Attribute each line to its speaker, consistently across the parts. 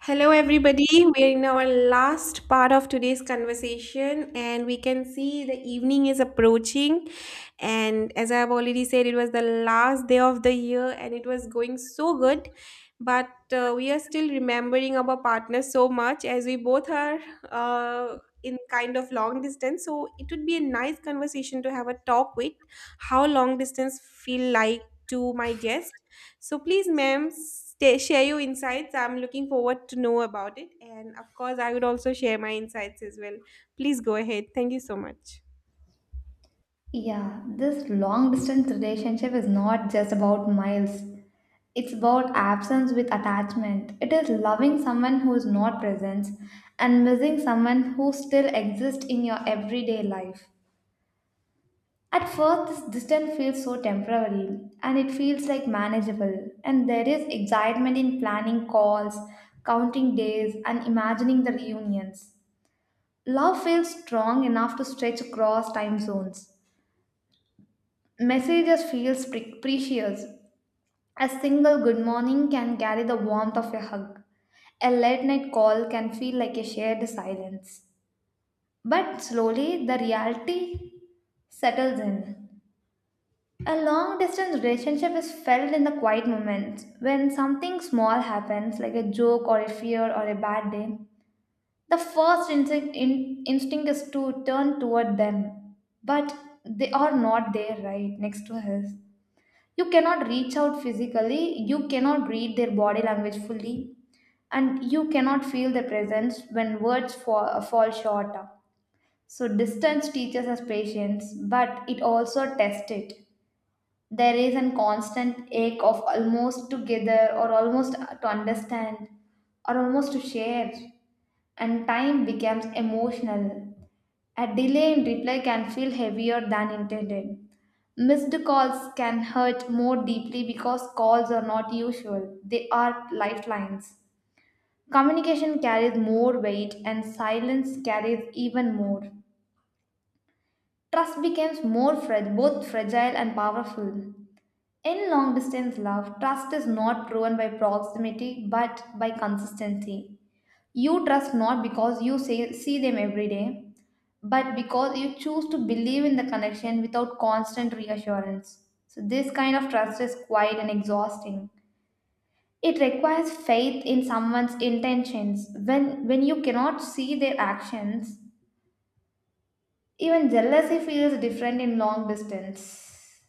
Speaker 1: Hello, everybody. We're in our last part of today's conversation, and we can see the evening is approaching. And as I've already said, it was the last day of the year, and it was going so good. But we are still remembering our partner so much as we both are uh, in kind of long distance. So it would be a nice conversation to have a talk with how long distance feel like to my guest, so please, ma'am, stay, share your insights. I'm looking forward to know about it. And of course, I would also share my insights as well. Please go ahead. Thank you so much.
Speaker 2: Yeah, this long distance relationship is not just about miles. It's about absence with attachment. It is loving someone who is not present and missing someone who still exists in your everyday life. At first, this distance feels so temporary and it feels like manageable, and there is excitement in planning calls, counting days, and imagining the reunions. Love feels strong enough to stretch across time zones. Messages feels precious. A single good morning can carry the warmth of a hug. A late night call can feel like a shared silence. But slowly, the reality settles in. A long distance relationship is felt in the quiet moments when something small happens, like a joke or a fear or a bad day. The first instinct is to turn toward them, but they are not there right next to us. You cannot reach out physically, you cannot read their body language fully, and you cannot feel their presence when words fall short. So distance teaches us patience, but it also tests it. There is a constant ache of almost together, or almost to understand, or almost to share. And time becomes emotional. A delay in reply can feel heavier than intended. Missed calls can hurt more deeply because calls are not usual, they are lifelines. Communication carries more weight, and silence carries even more. Trust becomes more fragile, both fragile and powerful. In long distance love, trust is not proven by proximity but by consistency. You trust not because you say, see them every day, but because you choose to believe in the connection without constant reassurance. So, this kind of trust is quite and exhausting. It requires faith in someone's intentions. When you cannot see their actions, even jealousy feels different in long distance.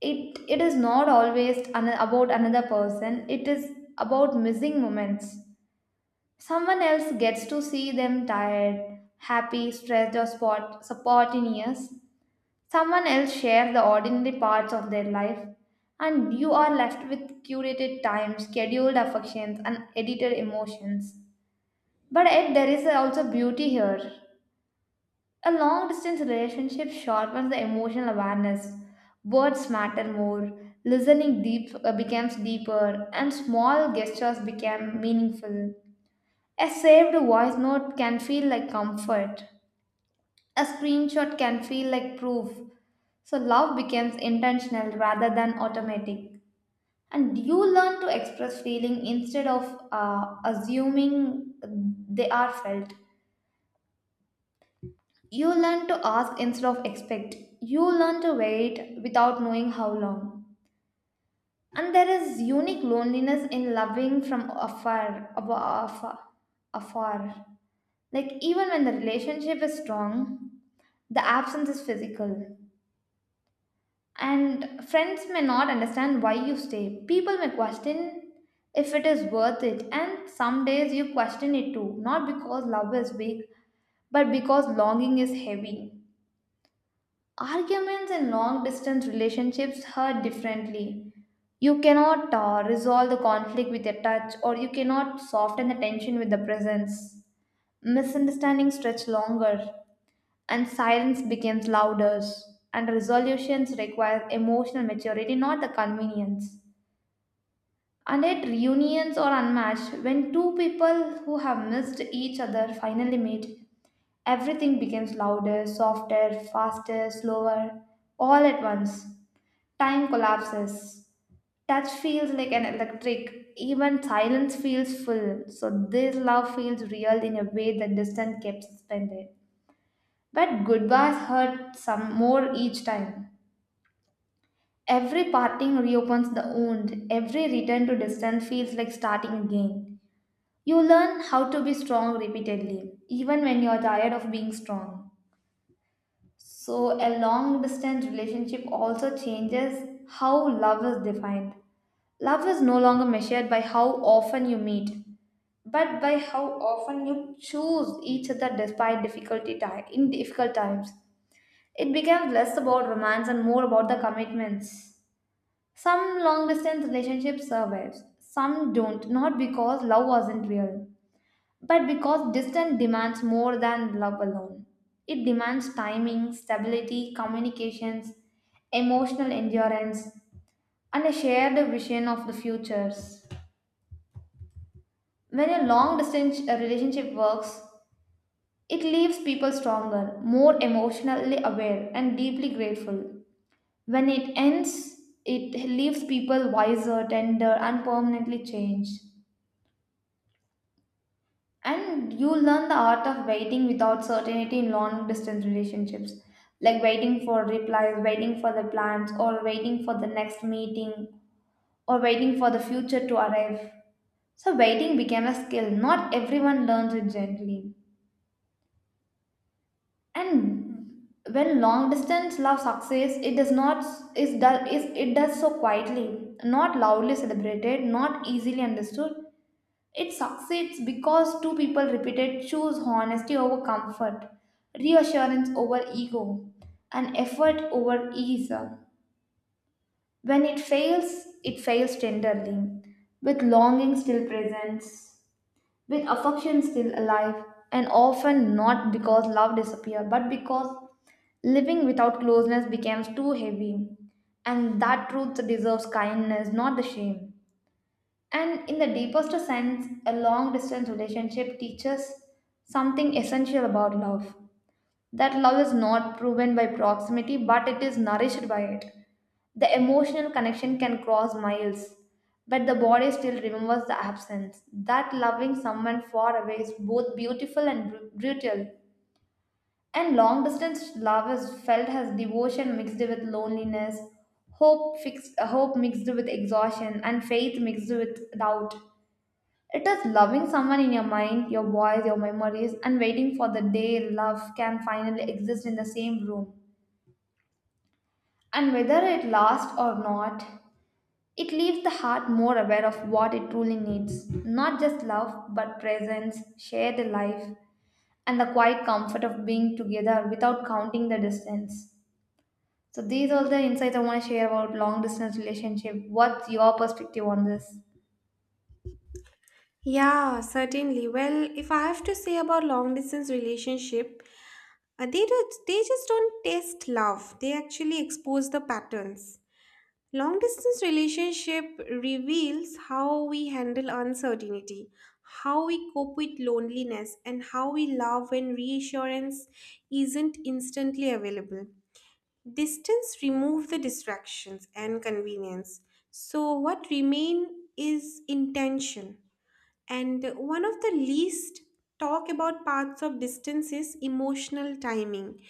Speaker 2: It is not always about another person, it is about missing moments. Someone else gets to see them tired, happy, stressed, or spontaneous. Someone else shares the ordinary parts of their life, and you are left with curated time, scheduled affections, and edited emotions. But yet, there is also beauty here. A long distance relationship sharpens the emotional awareness. Words matter more, listening deep becomes deeper, and small gestures become meaningful. A saved voice note can feel like comfort. A screenshot can feel like proof. So love becomes intentional rather than automatic. And you learn to express feeling instead of assuming they are felt. You learn to ask instead of expect. You learn to wait without knowing how long. And there is unique loneliness in loving from afar, afar. Like even when the relationship is strong, the absence is physical. And friends may not understand why you stay. People may question if it is worth it. And some days you question it too, not because love is weak, but because longing is heavy. Arguments in long distance relationships hurt differently. You cannot resolve the conflict with a touch, or you cannot soften the tension with the presence. Misunderstandings stretch longer, and silence becomes louder, and resolutions require emotional maturity, not the convenience. And yet reunions are unmatched. When two people who have missed each other finally meet, everything becomes louder, softer, faster, slower, all at once. Time collapses. Touch feels like an electric, even silence feels full. So this love feels real in a way that distance kept suspended, but goodbyes hurt some more each time. Every parting reopens the wound. Every return to distance feels like starting again. You learn how to be strong repeatedly, even when you are tired of being strong. So, a long distance relationship also changes how love is defined. Love is no longer measured by how often you meet, but by how often you choose each other despite in difficult times. It became less about romance and more about the commitments. Some long distance relationships survive, some don't, not because love wasn't real, but because distance demands more than love alone. It demands timing, stability, communications, emotional endurance, and a shared vision of the futures. When a long distance relationship works, it leaves people stronger, more emotionally aware, and deeply grateful. When it ends, it leaves people wiser, tender, and permanently changed. And you learn the art of waiting without certainty in long distance relationships, like waiting for replies, waiting for the plans, or waiting for the next meeting, or waiting for the future to arrive. So, waiting became a skill. Not everyone learns it gently. And when long distance love succeeds, it does not is does is it does so quietly, not loudly celebrated, not easily understood. It succeeds because two people repeated choose honesty over comfort, reassurance over ego, and effort over ease. When it fails, it fails tenderly, with longing still present, with affection still alive, and often not because love disappeared, but because living without closeness becomes too heavy. And that truth deserves kindness, not the shame. And in the deepest sense, a long distance relationship teaches something essential about love: that love is not proven by proximity, but it is nourished by it. The emotional connection can cross miles, but the body still remembers the absence. That loving someone far away is both beautiful and brutal. And long distance love is felt as devotion mixed with loneliness, hope mixed with exhaustion, and faith mixed with doubt. It is loving someone in your mind, your voice, your memories, and waiting for the day love can finally exist in the same room. And whether it lasts or not, it leaves the heart more aware of what it truly needs, not just love, but presence, shared life, and the quiet comfort of being together without counting the distance. So, these are the insights I want to share about long distance relationship. What's your perspective on this?
Speaker 1: Yeah, certainly. Well, if I have to say about long distance relationship, they do, they just don't test love. They actually expose the patterns. Long distance relationship reveals how we handle uncertainty, how we cope with loneliness, and how we love when reassurance isn't instantly available. Distance removes the distractions and convenience. So what remain is intention. And one of the least talk about parts of distance is emotional timing.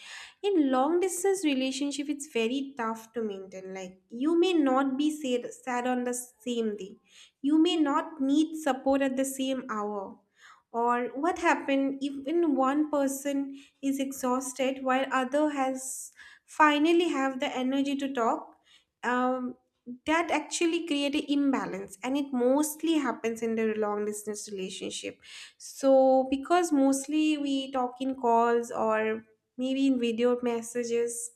Speaker 1: In long distance relationship, it's very tough to maintain. Like you may not be sad, sad on the same day. You may not need support at the same hour. Or what happened even one person is exhausted while other has finally have the energy to talk, um, that actually create an imbalance, and it mostly happens in the long distance relationship. So because mostly we talk in calls or maybe in video messages,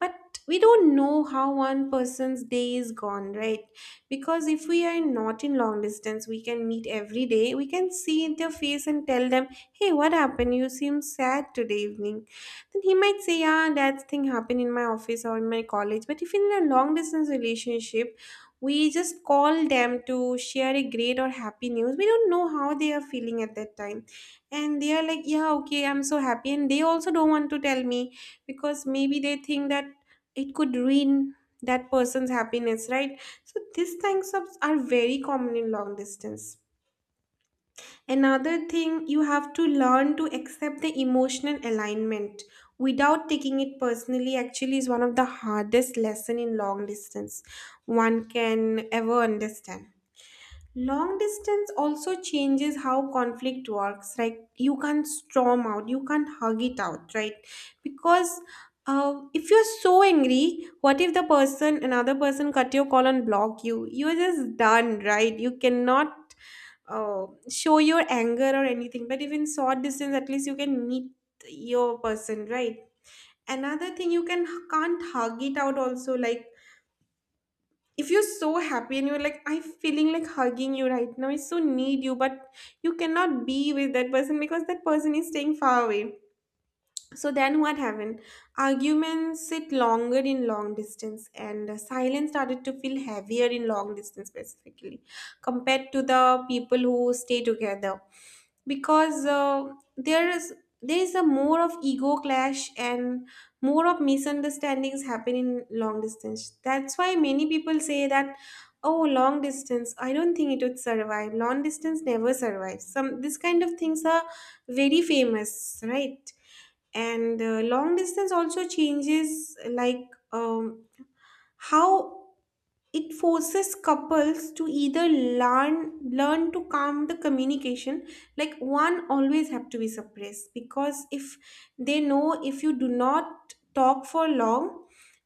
Speaker 1: but we don't know how one person's day is gone, right? Because if we are not in long distance, we can meet every day, we can see in their face and tell them, hey, what happened, you seem sad today evening. Then he might say, yeah, that thing happened in my office or in my college. But if in a long distance relationship we just call them to share a great or happy news, we don't know how they are feeling at that time. And they are like, yeah, okay, I'm so happy, and they also don't want to tell me because maybe they think that it could ruin that person's happiness, right? So these things are very common in long distance. Another thing, you have to learn to accept the emotional alignment without taking it personally actually is one of the hardest lesson in long distance one can ever understand. Long distance also changes how conflict works. Like you can't storm out, you can't hug it out, right? Because if you're so angry, what if the person, another person, cut your call and block you? You're just done, right? You cannot show your anger or anything. But even short distance, at least you can meet your person, right? Another thing, you can't hug it out also. Like if you're so happy and you're like, I'm feeling like hugging you right now, I so need you, but you cannot be with that person because that person is staying far away. So then what happened, arguments sit longer in long distance, and silence started to feel heavier in long distance specifically compared to the people who stay together, because there is there is a more of ego clash and more of misunderstandings happen in long distance. That's why many people say that, oh, long distance, I don't think it would survive, long distance never survives, some this kind of things are very famous, right? And long distance also changes like, um, how it forces couples to either learn to calm the communication. Like one always have to be suppressed because if they know, if you do not talk for long,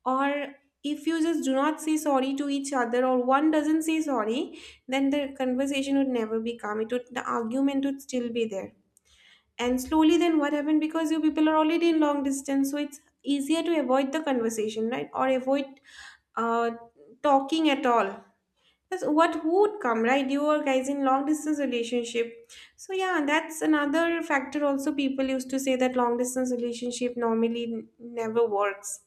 Speaker 1: or if you just do not say sorry to each other, or one doesn't say sorry, then the conversation would never be calm, it would, the argument would still be there. And slowly, then what happened? Because you people are already in long distance, so it's easier to avoid the conversation, right? Or avoid uh, talking at all. That's what would come, right? You are guys in long distance relationship. So yeah, that's another factor also, people used to say that long distance relationship normally never works.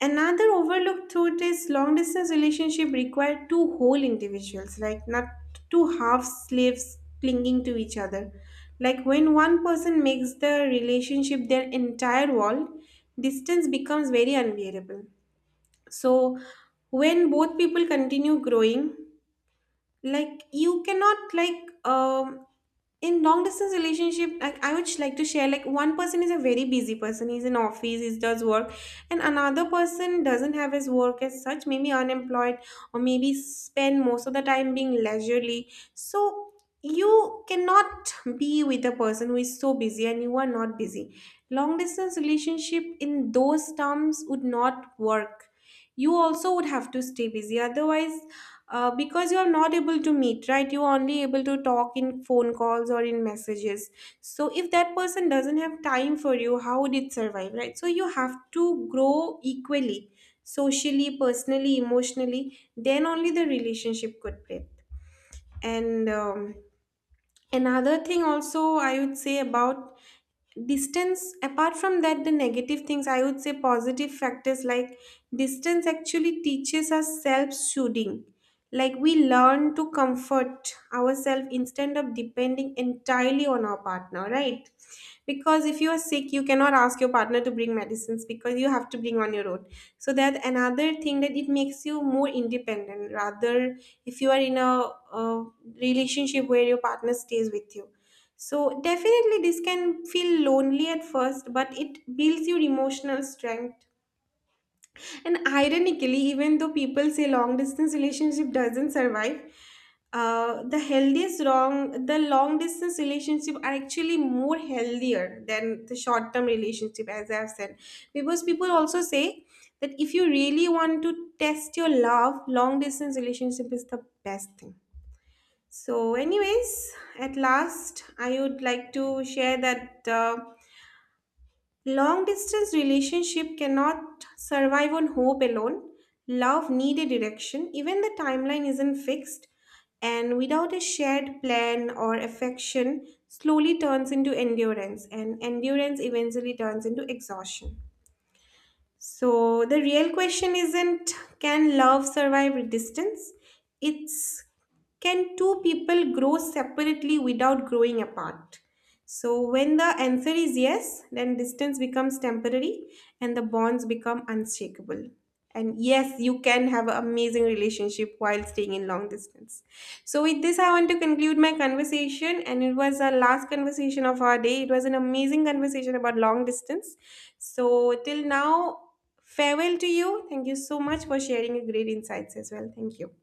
Speaker 1: Another overlooked thought is long distance relationship require two whole individuals, like not two half slaves clinging to each other. Like when one person makes the relationship their entire world, distance becomes very unbearable. So when both people continue growing, like you cannot like in long distance relationship, like I would like to share, like one person is a very busy person, he's in office, he does work, and another person doesn't have his work as such, maybe unemployed, or maybe spend most of the time being leisurely. So you cannot be with the person who is so busy and you are not busy. Long distance relationship in those terms would not work. You also would have to stay busy. Otherwise, because you are not able to meet, right, you are only able to talk in phone calls or in messages, so if that person doesn't have time for you, how would it survive, right? So you have to grow equally, socially, personally, emotionally, then only the relationship could breathe. And another thing also I would say about distance, apart from that the negative things, I would say positive factors, like distance actually teaches us self-soothing. Like we learn to comfort ourselves instead of depending entirely on our partner, right? Because if you are sick, you cannot ask your partner to bring medicines, because you have to bring on your own. So that another thing that it makes you more independent, rather if you are in a relationship where your partner stays with you. So definitely this can feel lonely at first, but it builds your emotional strength. And ironically, even though people say long distance relationship doesn't survive, the healthiest long distance relationship are actually more healthier than the short term relationship as I've said. Because people also say that if you really want to test your love, long distance relationship is the best thing. So, anyways, at last, I would like to share that long distance relationship cannot survive on hope alone. Love need a direction. Even the timeline isn't fixed, and without a shared plan or affection, slowly turns into endurance, and endurance eventually turns into exhaustion. So the real question isn't, can love survive distance? It's, can two people grow separately without growing apart? So when the answer is yes, then distance becomes temporary and the bonds become unshakable. And yes, you can have an amazing relationship while staying in long distance. So with this I want to conclude my conversation, and it was our last conversation of our day. It was an amazing conversation about long distance. So till now, farewell to you. Thank you so much for sharing your great insights as well. Thank you.